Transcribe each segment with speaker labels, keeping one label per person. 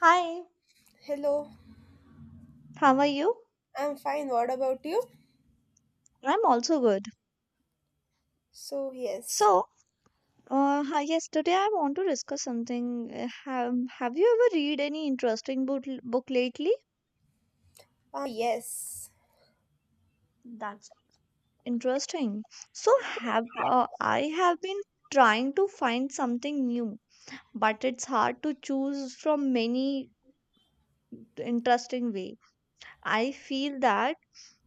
Speaker 1: Hi,
Speaker 2: Hello,
Speaker 1: how are you?
Speaker 2: I'm fine. What about you?
Speaker 1: I'm also good.
Speaker 2: So yes,
Speaker 1: So, yes, today I want to discuss something. Have you ever read any interesting book lately?
Speaker 2: yes,
Speaker 1: That's interesting. So, have I have been trying to find something new, but it's hard to choose from many interesting way. I feel that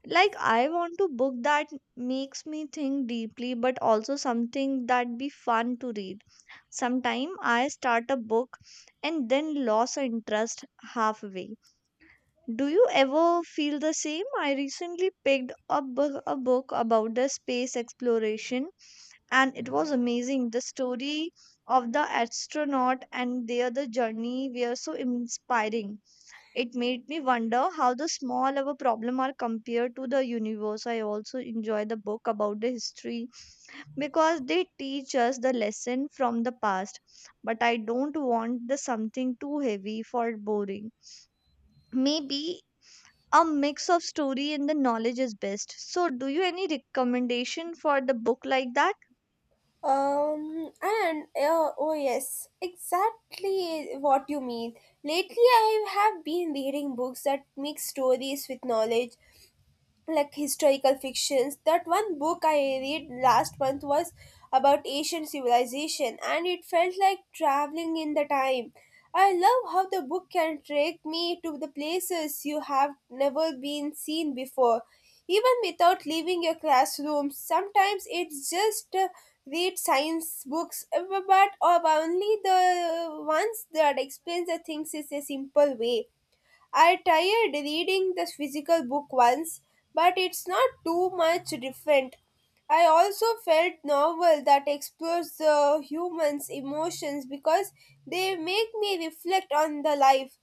Speaker 1: like I want to book that makes me think deeply, but also something that be fun to read. Sometime I start a book and then lose interest halfway. Do you ever feel the same? I recently picked up a book about the space exploration, and it was amazing. The story of the astronaut and their the journey were so inspiring. It made me wonder how the small our problem are compared to the universe. I also enjoy the book about the history because they teach us the lesson from the past, but I don't want the something too heavy for boring, maybe a mix of story and the knowledge is best. So do you any recommendation for the book like that?
Speaker 2: and oh yes, exactly what you mean. Lately, I have been reading books that mix stories with knowledge, like historical fictions. That one book I read last month was about Asian civilization and it felt like traveling in the time. I love how the book can take me to the places you have never been seen before. Even without leaving your classroom, sometimes it's just read science books, but only the ones that explains the things in a simple way. I tried reading the physical book once, but it's not too much different. I also felt novel that explores the human's emotions because they make me reflect on the life.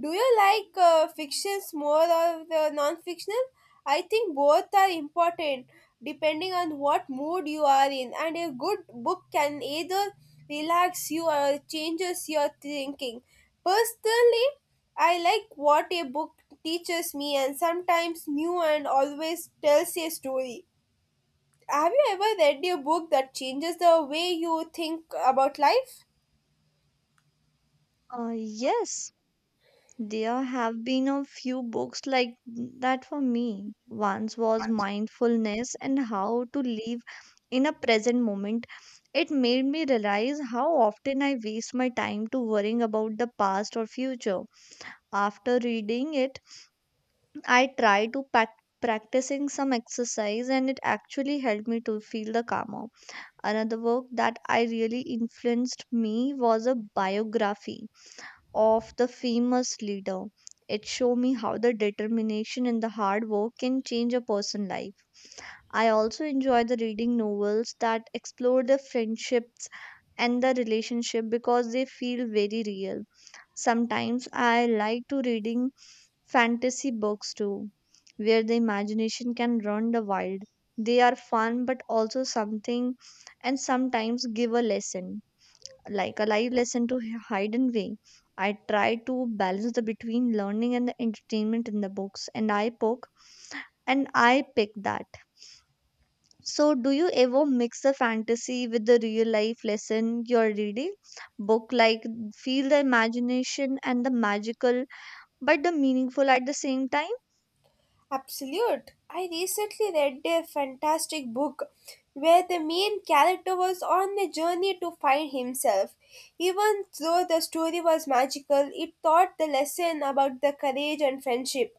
Speaker 2: Do you like fictions more or the non-fictional? I think both are important depending on what mood you are in and a good book can either relax you or changes your thinking. Personally, I like what a book teaches me and sometimes new and always tells a story. Have you ever read a book that changes the way you think about life?
Speaker 1: uh, yes, there have been a few books like that for me. Once was mindfulness and how to live in a present moment. It made me realize how often I waste my time to worrying about the past or future. After reading it, I tried to practicing some exercise, and it actually helped me to feel the calmer. Another work that I really influenced me was a biography of the famous leader. It showed me how the determination and the hard work can change a person's life. I also enjoy the reading novels that explore the friendships and the relationship because they feel very real. Sometimes I like to reading fantasy books too, where the imagination can run the wild. They are fun but also something, and sometimes give a lesson, like a live lesson to hide and way. I try to balance the between learning and the entertainment in the books, and I poke and I pick that. So do you ever mix the fantasy with the real life lesson you're reading? Book like feel the imagination and the magical but the meaningful at the same time?
Speaker 2: Absolute. I recently read a fantastic book where the main character was on a journey to find himself. Even though the story was magical, it taught the lesson about the courage and friendship.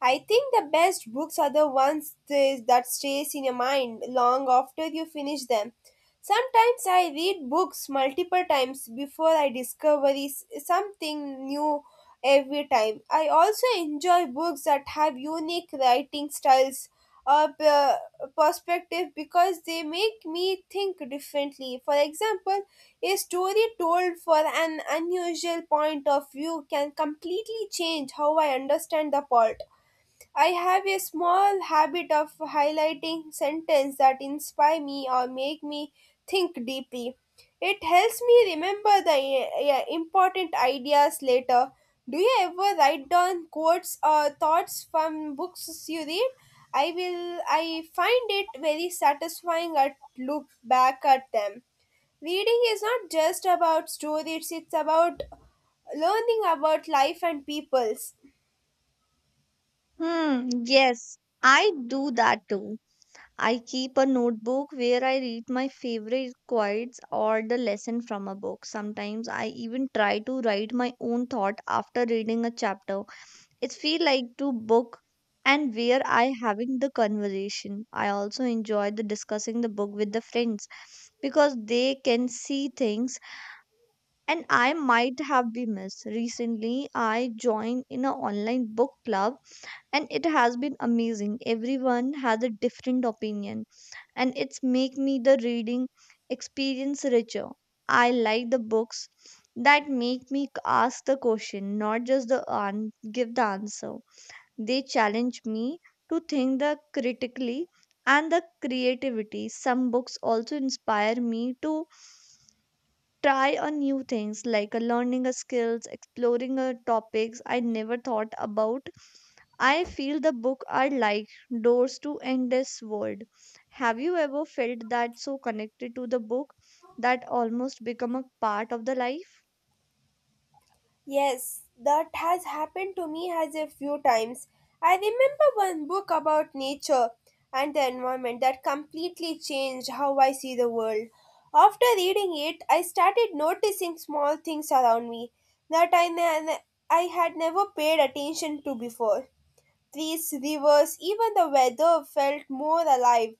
Speaker 2: I think the best books are the ones that stays in your mind long after you finish them. Sometimes I read books multiple times before I discover something new every time. I also enjoy books that have unique writing styles or perspective because they make me think differently. For example, a story told for an unusual point of view can completely change how I understand the plot. I have a small habit of highlighting sentences that inspire me or make me think deeply. It helps me remember the important ideas later. Do you ever write down quotes or thoughts from books you read? I find it very satisfying at look back at them. Reading is not just about stories, it's about learning about life and peoples.
Speaker 1: Hmm, yes, I do that too. I keep a notebook where I read my favorite quotes or the lesson from a book. Sometimes I even try to write my own thought after reading a chapter. It feels like to book and where I having the conversation. I also enjoy the discussing the book with the friends because they can see things and I might have been missed. Recently, I joined in an online book club, and it has been amazing. Everyone has a different opinion, and it's make me the reading experience richer. I like the books that make me ask the question, not just the give the answer. They challenge me to think the critically and the creativity. Some books also inspire me to try on new things like learning a skills, exploring a topics I never thought about. I feel the book are like doors to endless world. Have you ever felt that so connected to the book that almost become a part of the life?
Speaker 2: Yes, that has happened to me as a few times. I remember one book about nature and the environment that completely changed how I see the world. After reading it, I started noticing small things around me that I had never paid attention to before. Trees, rivers, even the weather felt more alive.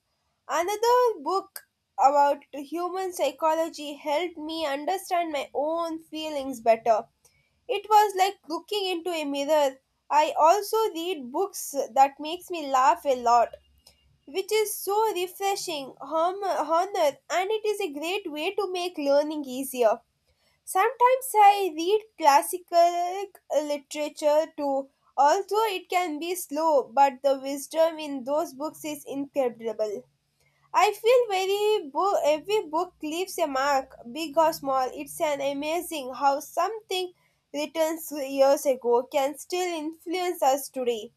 Speaker 2: Another book about human psychology helped me understand my own feelings better. It was like looking into a mirror. I also read books that makes me laugh a lot, which is so refreshing, hum, honor, and it is a great way to make learning easier. Sometimes I read classical literature too. Although it can be slow, but the wisdom in those books is incredible. I feel very book, Every book leaves a mark, big or small. It's an amazing how something written years ago can still influence us today.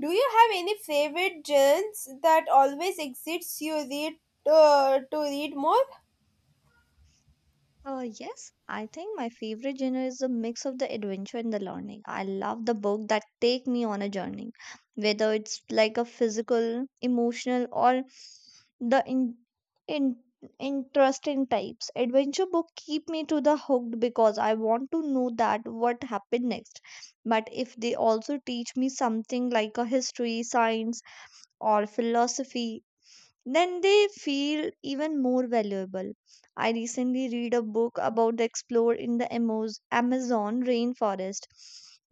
Speaker 2: Do you have any favorite genres that always exits you read to read more?
Speaker 1: Yes, I think my favorite genre is a mix of the adventure and the learning. I love the book that take me on a journey, whether it's like a physical, emotional, or the in interesting types. Adventure book keep me to the hooked because I want to know that what happened next. But if they also teach me something like a history, science, or philosophy, then they feel even more valuable. I recently read a book about the explorer in the Amazon rainforest.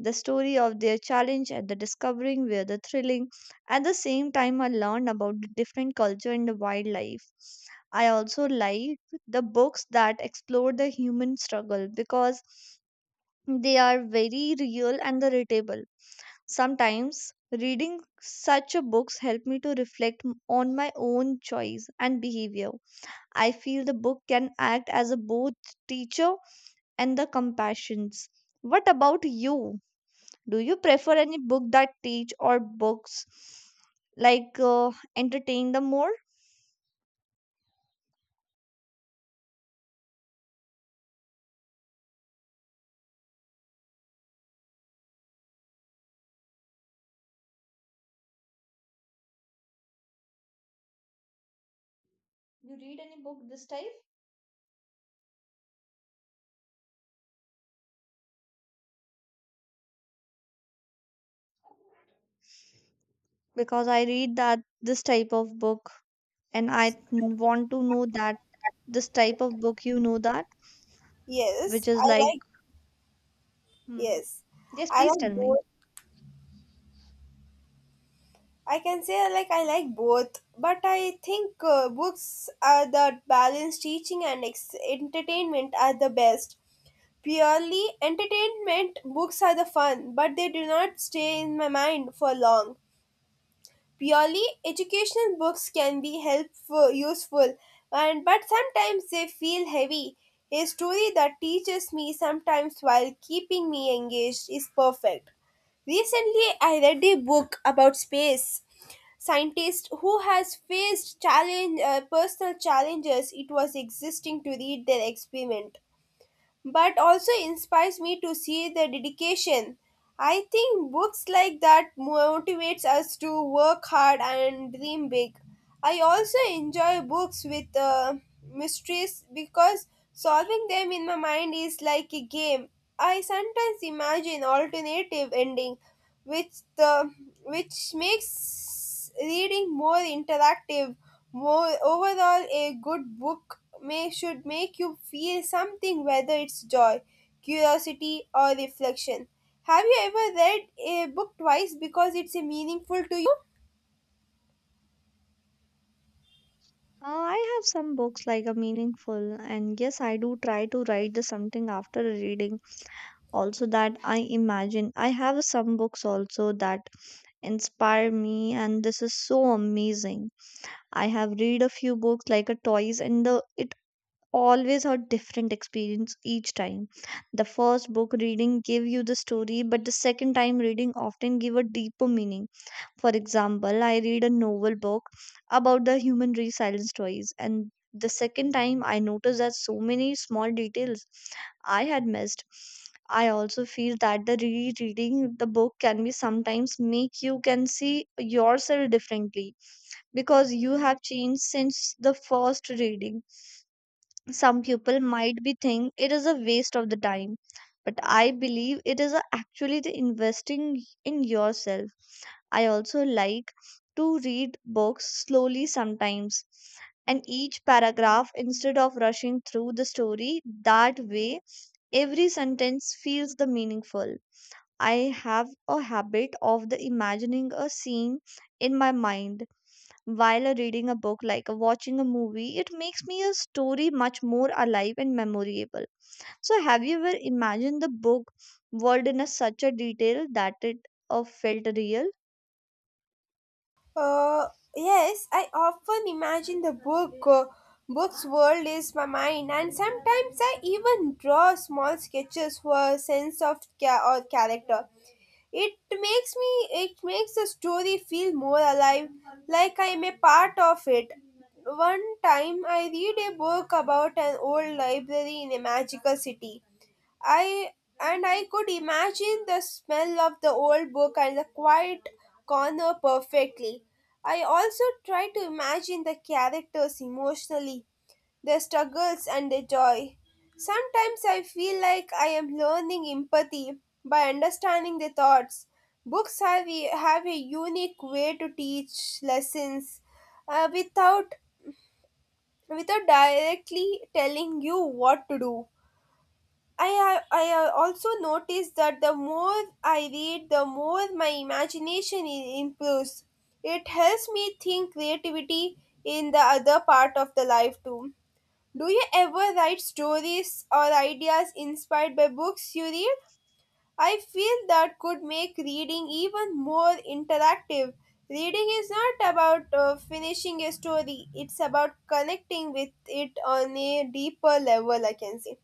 Speaker 1: The story of their challenge and the discovering were the thrilling. At the same time, I learned about the different culture and the wildlife. I also like the books that explore the human struggle because they are very real and the relatable. Sometimes reading such a books help me to reflect on my own choice and behavior. I feel the book can act as a both teacher and the compassions. What about you? Do you prefer any book that teach or books like entertain the more? You read any book this type? Because I read that this type of book and I want to know that this type of book you know that which
Speaker 2: Yes,
Speaker 1: is
Speaker 2: I
Speaker 1: like.
Speaker 2: like
Speaker 1: Hmm.
Speaker 2: yes,
Speaker 1: Yes,
Speaker 2: I
Speaker 1: please tell
Speaker 2: like
Speaker 1: me.
Speaker 2: both. I can say I like both, but I think books are that balance teaching and entertainment are the best. Purely entertainment books are the fun, but they do not stay in my mind for long. Purely educational books can be helpful, useful, and but sometimes they feel heavy. A story that teaches me sometimes while keeping me engaged is perfect. Recently I read a book about space scientist who has faced challenge, personal challenges. It was existing to read their experiment, but also inspires me to see the dedication. I think books like that motivates us to work hard and dream big. I also enjoy books with mysteries because solving them in my mind is like a game. I sometimes imagine alternative ending, which the which makes reading more interactive. Overall, a good book may should make you feel something, whether it's joy, curiosity, or reflection. Have you ever read a book twice because it's a meaningful to you?
Speaker 1: I have some books like a meaningful, and yes, I do try to write the something after a reading. Also, that I imagine. I have some books also that inspire me, and this is so amazing. I have read a few books like a toys, and the it always a different experience each time. The first book reading give you the story, but the second time reading often give a deeper meaning. For example, I read a novel book about the human resilience stories, and the second time I noticed that so many small details I had missed. I also feel that the rereading the book can be sometimes make you can see yourself differently because you have changed since the first reading. Some people might be think it is a waste of the time, but I believe it is actually the investing in yourself. I also like to read books slowly sometimes and each paragraph instead of rushing through the story. That way, every sentence feels the meaningful. I have a habit of the imagining a scene in my mind while reading a book, like watching a movie. It makes me a story much more alive and memorable. So have you ever imagined the book world in a such a detail that it felt real?
Speaker 2: Uh, yes, I often imagine the book's world is my mind, and sometimes I even draw small sketches for a sense of ca- or character. It makes the story feel more alive, like I am a part of it. One time I read a book about an old library in a magical city, I I could imagine the smell of the old book and the quiet corner perfectly. I also tried to imagine the characters emotionally, their struggles and their joy. Sometimes I feel like I am learning empathy by understanding their thoughts. Books have a unique way to teach lessons, uh, without without directly telling you what to do. I have also noticed that the more I read, the more my imagination improves. It helps me think creativity in the other part of the life too. Do you ever write stories or ideas inspired by books you read? I feel that could make reading even more interactive. Reading is not about finishing a story, it's about connecting with it on a deeper level, I can say.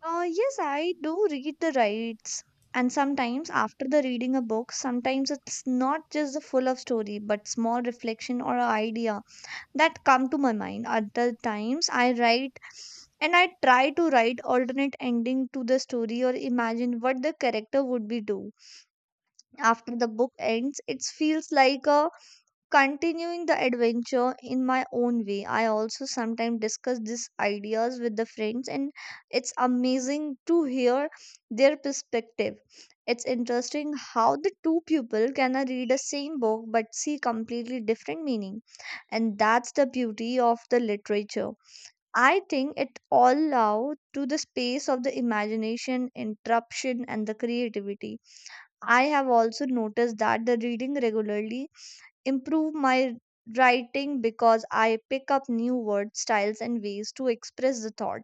Speaker 1: Yes, I do read the rights. And sometimes after the reading a book, sometimes it's not just the full of story, but small reflection or a idea that come to my mind. Other times I write and I try to write alternate ending to the story or imagine what the character would be do. After the book ends, it feels like a continuing the adventure in my own way. I also sometimes discuss these ideas with the friends, and it's amazing to hear their perspective. It's interesting how the two people can read the same book but see completely different meaning, and that's the beauty of the literature. I think it all allows to the space of the imagination, interruption, and the creativity. I have also noticed that the reading regularly improve my writing because I pick up new word styles and ways to express the thought.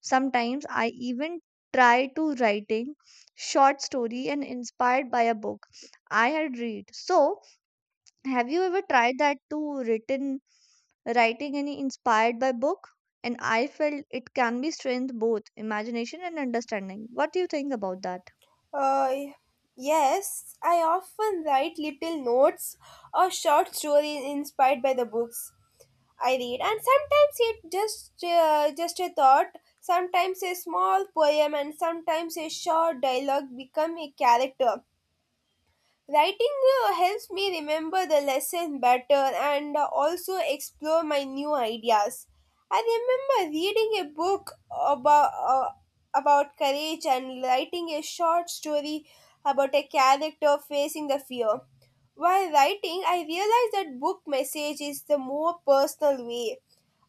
Speaker 1: Sometimes I even try to writing short story and inspired by a book I had read. So, have you ever tried that to written writing any inspired by book? And I felt it can be strength both imagination and understanding. What do you think about that?
Speaker 2: Uh, yes, I often write little notes or short stories inspired by the books I read, and sometimes it just a thought, sometimes a small poem, and sometimes a short dialogue become a character. Writing helps me remember the lesson better and also explore my new ideas. I remember reading a book about, uh, about courage and writing a short story about a character facing the fear. While writing, I realized that book message is the more personal way.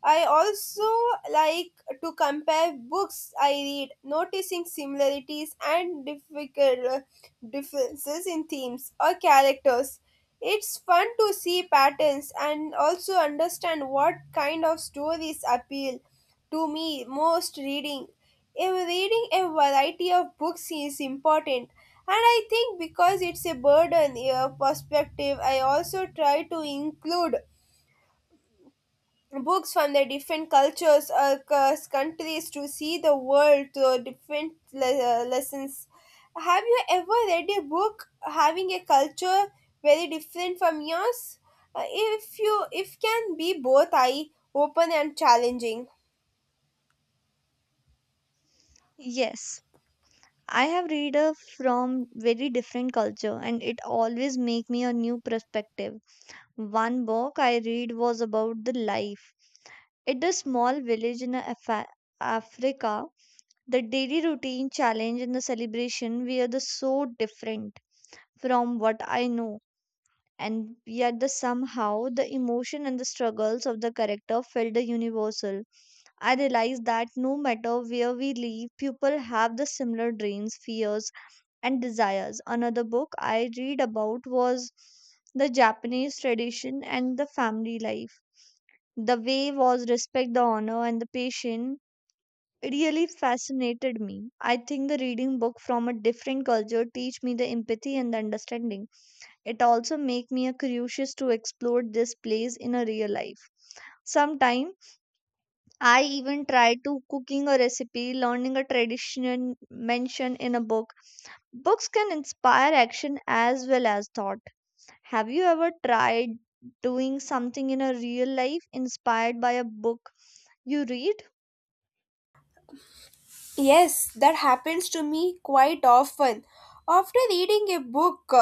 Speaker 2: I also like to compare books I read, noticing similarities and difficult differences in themes or characters. It's fun to see patterns and also understand what kind of stories appeal to me most reading. If reading a variety of books is important, and I think because it's a burden, a perspective, I also try to include books from the different cultures or countries to see the world through different lessons. Have you ever read a book having a culture very different from yours? If can be both eye open and challenging.
Speaker 1: Yes, I have read a from very different culture, and it always make me a new perspective. One book I read was about the life at a small village in Africa. The daily routine challenge and the celebration were the so different from what I know, and yet the somehow the emotion and the struggles of the character felt the universal. I realized that no matter where we live, people have the similar dreams, fears, and desires. Another book I read about was the Japanese tradition and the family life. The way was respect the honor and the patient. It really fascinated me. I think the reading book from a different culture teach me the empathy and the understanding. It also make me a curious to explore this place in a real life. Sometime I even try to cooking a recipe, learning a tradition mentioned in a book. Books can inspire action as well as thought. Have you ever tried doing something in a real life inspired by a book you read?
Speaker 2: Yes, that happens to me quite often. After reading a book,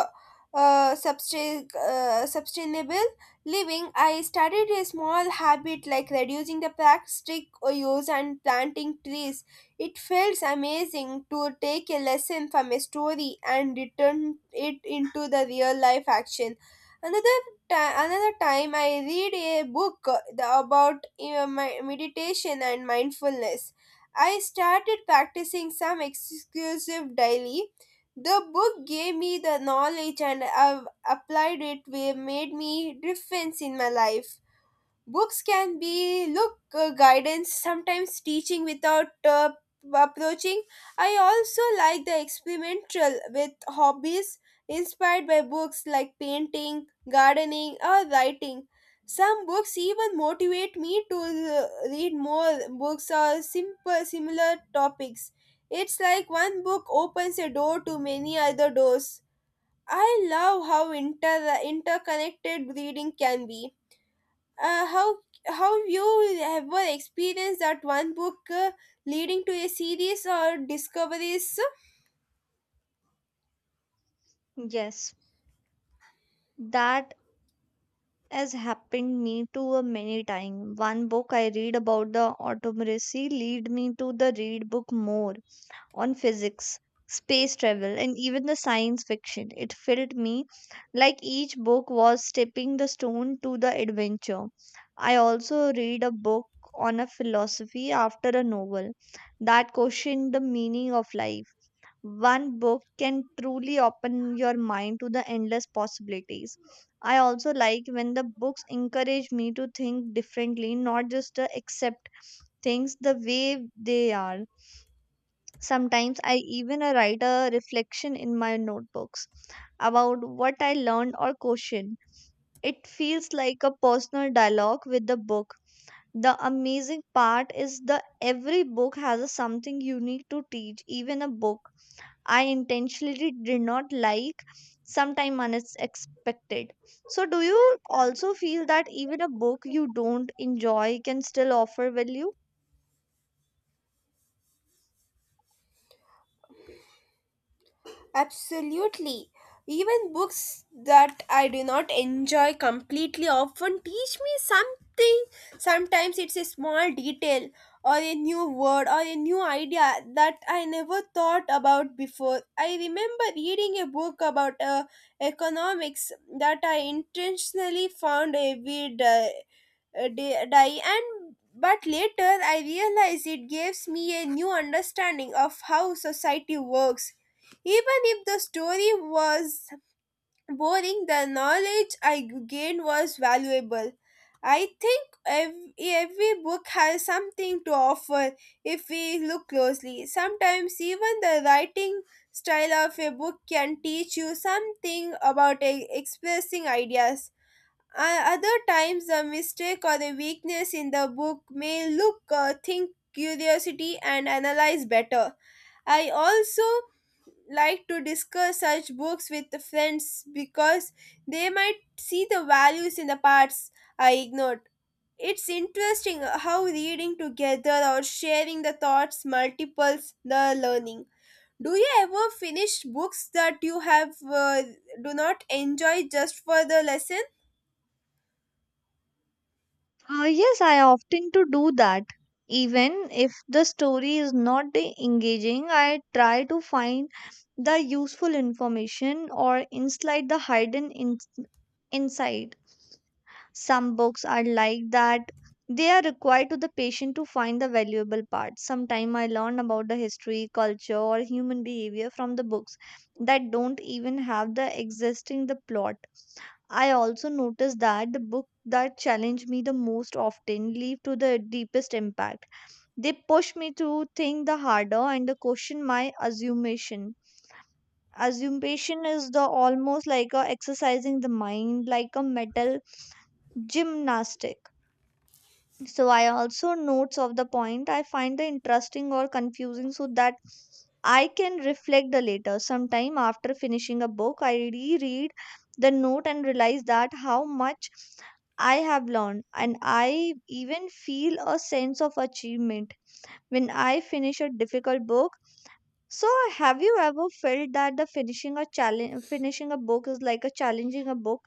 Speaker 2: Sustainable Living, I started a small habit like reducing the plastic use and planting trees. It feels amazing to take a lesson from a story and return it into the real life action. Another another time I read a book the- about my meditation and mindfulness. I started practicing some exclusive daily. The book gave me the knowledge and I've applied it where made me difference in my life. Books can be, look, guidance, sometimes teaching without approaching. I also like the experimental with hobbies inspired by books like painting, gardening, or writing. Some books even motivate me to read more books or simple similar topics. It's like one book opens a door to many other doors. I love how interconnected reading can be. Uh, how how you ever experienced that one book leading to a series or discoveries?
Speaker 1: Yes, that has happened me too a many times. One book I read about the autocracy lead me to the read book more on physics, space travel, and even the science fiction. It felt me like each book was stepping the stone to the adventure. I also read a book on a philosophy after a novel that questioned the meaning of life. One book can truly open your mind to the endless possibilities. I also like when the books encourage me to think differently, not just to accept things the way they are. Sometimes I even write a reflection in my notebooks about what I learned or question. It feels like a personal dialogue with the book. The amazing part is that every book has a something unique to teach, even a book I intentionally did not like, sometimes unexpected. So, do you also feel that even a book you don't enjoy can still offer value?
Speaker 2: Absolutely. Even books that I do not enjoy completely often teach me something. Sometimes it's a small detail or a new word or a new idea that I never thought about before. I remember reading a book about economics that I intentionally found a weird die and but later I realized it gives me a new understanding of how society works. Even if the story was boring, the knowledge I gained was valuable. I think ev Every book has something to offer if we look closely. Sometimes even the writing style of a book can teach you something about expressing ideas. Other times, a mistake or a weakness in the book may look, think, curiosity, and analyze better. I also like to discuss such books with the friends because they might see the values in the parts I ignored. It's interesting how reading together or sharing the thoughts multiples the learning. Do you ever finish books that you have do not enjoy just for the lesson?
Speaker 1: Yes, I often to do that. Even if the story is not the engaging, I try to find the useful information or inside the hidden insight. Some books are like that. They are required to the patient to find the valuable parts. Sometimes I learn about the history, culture, or human behavior from the books that don't even have the existing the plot. I also noticed that the book that challenge me the most often leave to the deepest impact. They push me to think the harder and to question my assumption. Assumption is the almost like a exercising the mind like a metal gymnastic, so I also notes of the point I find the interesting or confusing, so that I can reflect the later sometime. After finishing a book, I reread the note and realize that how much I have learned, and I even feel a sense of achievement when I finish a difficult book. So, have you ever felt that the finishing a challenge finishing a book is like a challenging a book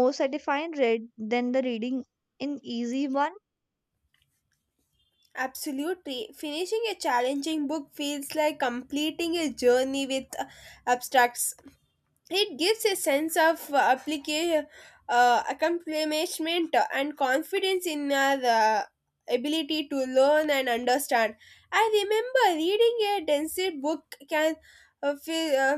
Speaker 1: more satisfying read than the reading an easy one?
Speaker 2: Absolutely. Finishing a challenging book feels like completing a journey with abstracts. It gives a sense of accomplishment and confidence in the ability to learn and understand. I remember reading a dense book can uh, feel, uh,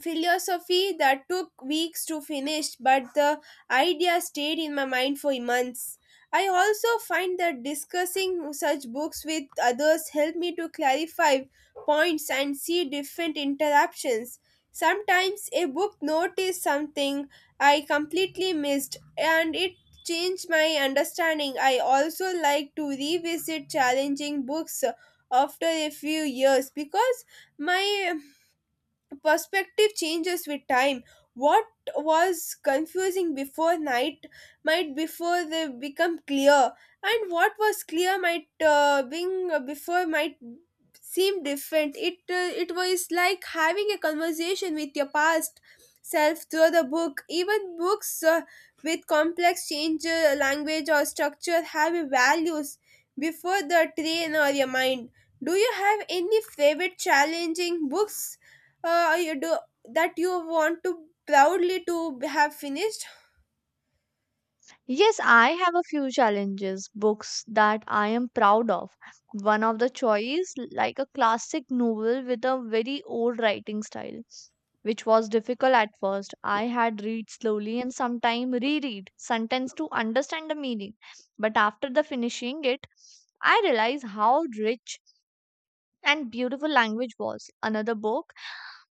Speaker 2: philosophy that took weeks to finish, but the idea stayed in my mind for months. I also find that discussing such books with others help me to clarify points and see different interruptions. Sometimes a book noticed something I completely missed and it changed my understanding. I also like to revisit challenging books after a few years because my perspective changes with time. What was confusing before night might before they become clear, and what was clear might being before might seem different. It was like having a conversation with your past self through the book. Even books with complex change language or structure have a values before the train or your mind. Do you have any favorite challenging books you do that you want to proudly to have finished?
Speaker 1: Yes, I have a few challenges, books that I am proud of. One of the choice, like a classic novel with a very old writing style, which was difficult at first. I had read slowly and sometime reread sentence to understand the meaning. But after the finishing it, I realized how rich and beautiful language was. Another book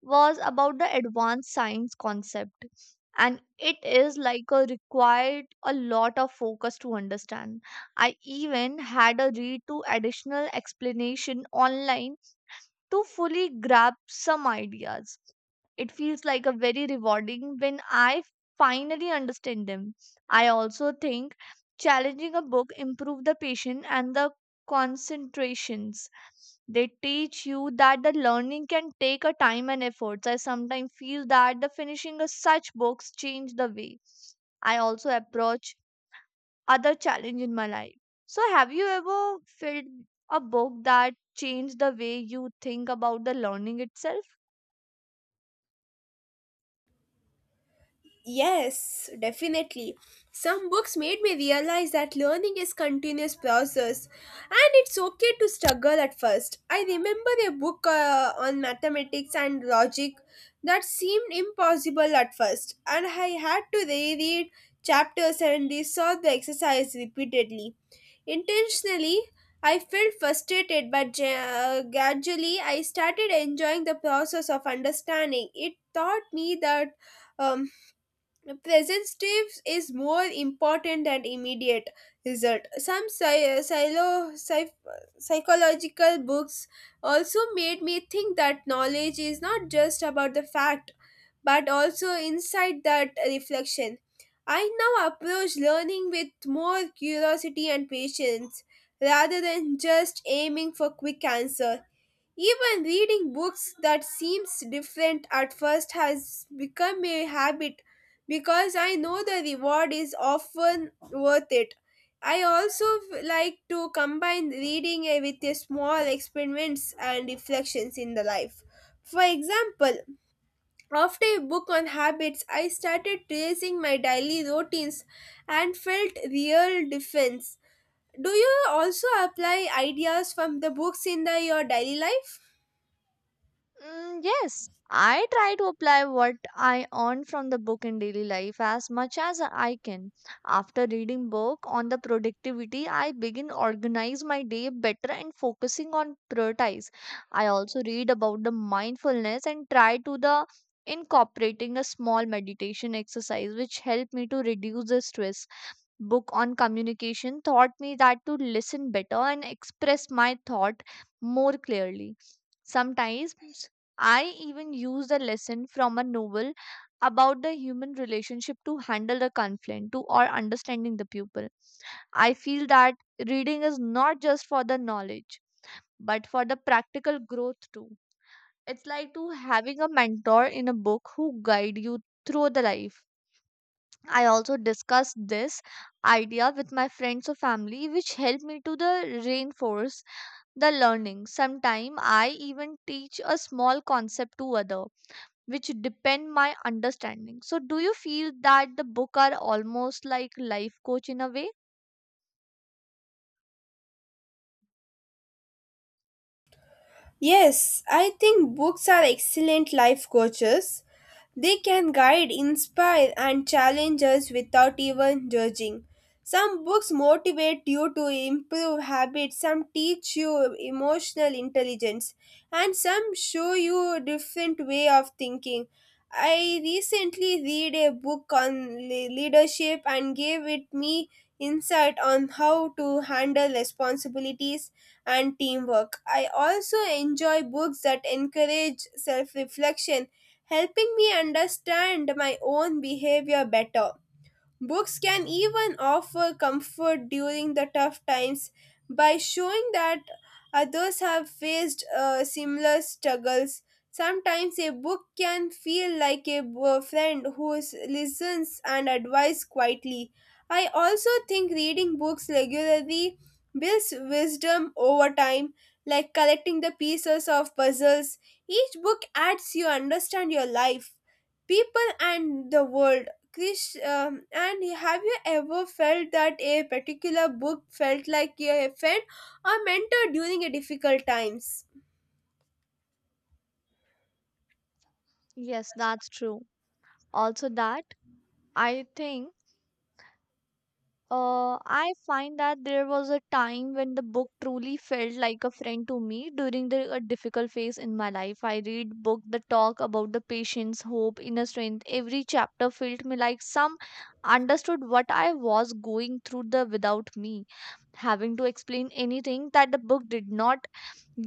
Speaker 1: was about the advanced science concept, and it is like a required a lot of focus to understand. I even had a read to additional explanation online to fully grasp some ideas. It feels like a very rewarding when I finally understand them. I also think challenging a book improve the patience and the concentrations. They teach you that the learning can take a time and efforts. I sometimes feel that the finishing of such books change the way I also approach other challenge in my life. So, have you ever felt a book that changed the way you think about the learning itself?
Speaker 2: Yes, definitely. Some books made me realize that learning is continuous process and it's okay to struggle at first. I remember a book on mathematics and logic that seemed impossible at first and I had to reread chapters and resolve the exercise repeatedly. Intentionally, I felt frustrated, but gradually I started enjoying the process of understanding. It taught me that um, present state is more important than immediate result. Some psychological books also made me think that knowledge is not just about the fact, but also inside that reflection. I now approach learning with more curiosity and patience rather than just aiming for quick answers. Even reading books that seems different at first has become a habit because I know the reward is often worth it. I also like to combine reading with a small experiments and reflections in the life. For example, after a book on habits, I started tracing my daily routines and felt real difference. Do you also apply ideas from the books your daily life?
Speaker 1: Mm, yes, I try to apply what I earn from the book in daily life as much as I can. After reading book on the productivity, I begin organize my day better and focusing on prioritize. I also read about the mindfulness and try to the incorporating a small meditation exercise which help me to reduce the stress. Book on communication taught me that to listen better and express my thought more clearly. Sometimes I even use the lesson from a novel about the human relationship to handle the conflict to or understanding the pupil. I feel that reading is not just for the knowledge, but for the practical growth too. It's like to having a mentor in a book who guide you through the life. I also discussed this idea with my friends or family, which helped me to the reinforce the learning. Sometimes I even teach a small concept to other, which depend my understanding. So, do you feel that the book are almost like life coach in a way?
Speaker 2: Yes, I think books are excellent life coaches. They can guide, inspire, and challenge us without even judging. Some books motivate you to improve habits, some teach you emotional intelligence, and some show you a different way of thinking. I recently read a book on leadership and gave it me insight on how to handle responsibilities and teamwork. I also enjoy books that encourage self-reflection, helping me understand my own behavior better. Books can even offer comfort during the tough times by showing that others have faced similar struggles. Sometimes a book can feel like a friend who listens and advises quietly. I also think reading books regularly builds wisdom over time, like collecting the pieces of puzzles. Each book adds you understand your life, people, and the world. And have you ever felt that a particular book felt like a friend or mentor during a difficult times?
Speaker 1: Yes, that's true. Also, that I think I find that there was a time when the book truly felt like a friend to me during a difficult phase in my life. I read book that talk about the patience, hope, inner strength. Every chapter felt me like some understood what I was going through the without me having to explain anything that the book did not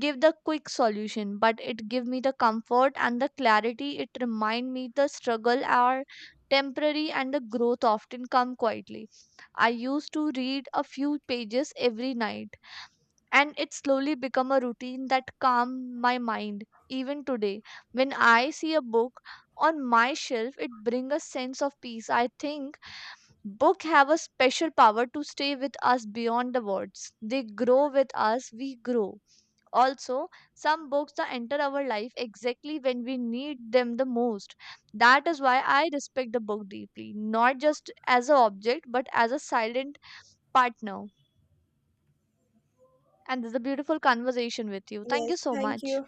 Speaker 1: give the quick solution, but it give me the comfort and the clarity. It remind me the struggle are temporary and the growth often come quietly. I used to read a few pages every night, and it slowly become a routine that calm my mind. Even today, when I see a book on my shelf, it bring a sense of peace. I think book have a special power to stay with us beyond the words. They grow with us, we grow. Also, some books that enter our life exactly when we need them the most. That is why I respect the book deeply, not just as an object, but as a silent partner. And this is a beautiful conversation with you. Thank
Speaker 2: Yes,
Speaker 1: you so
Speaker 2: thank
Speaker 1: much.
Speaker 2: you.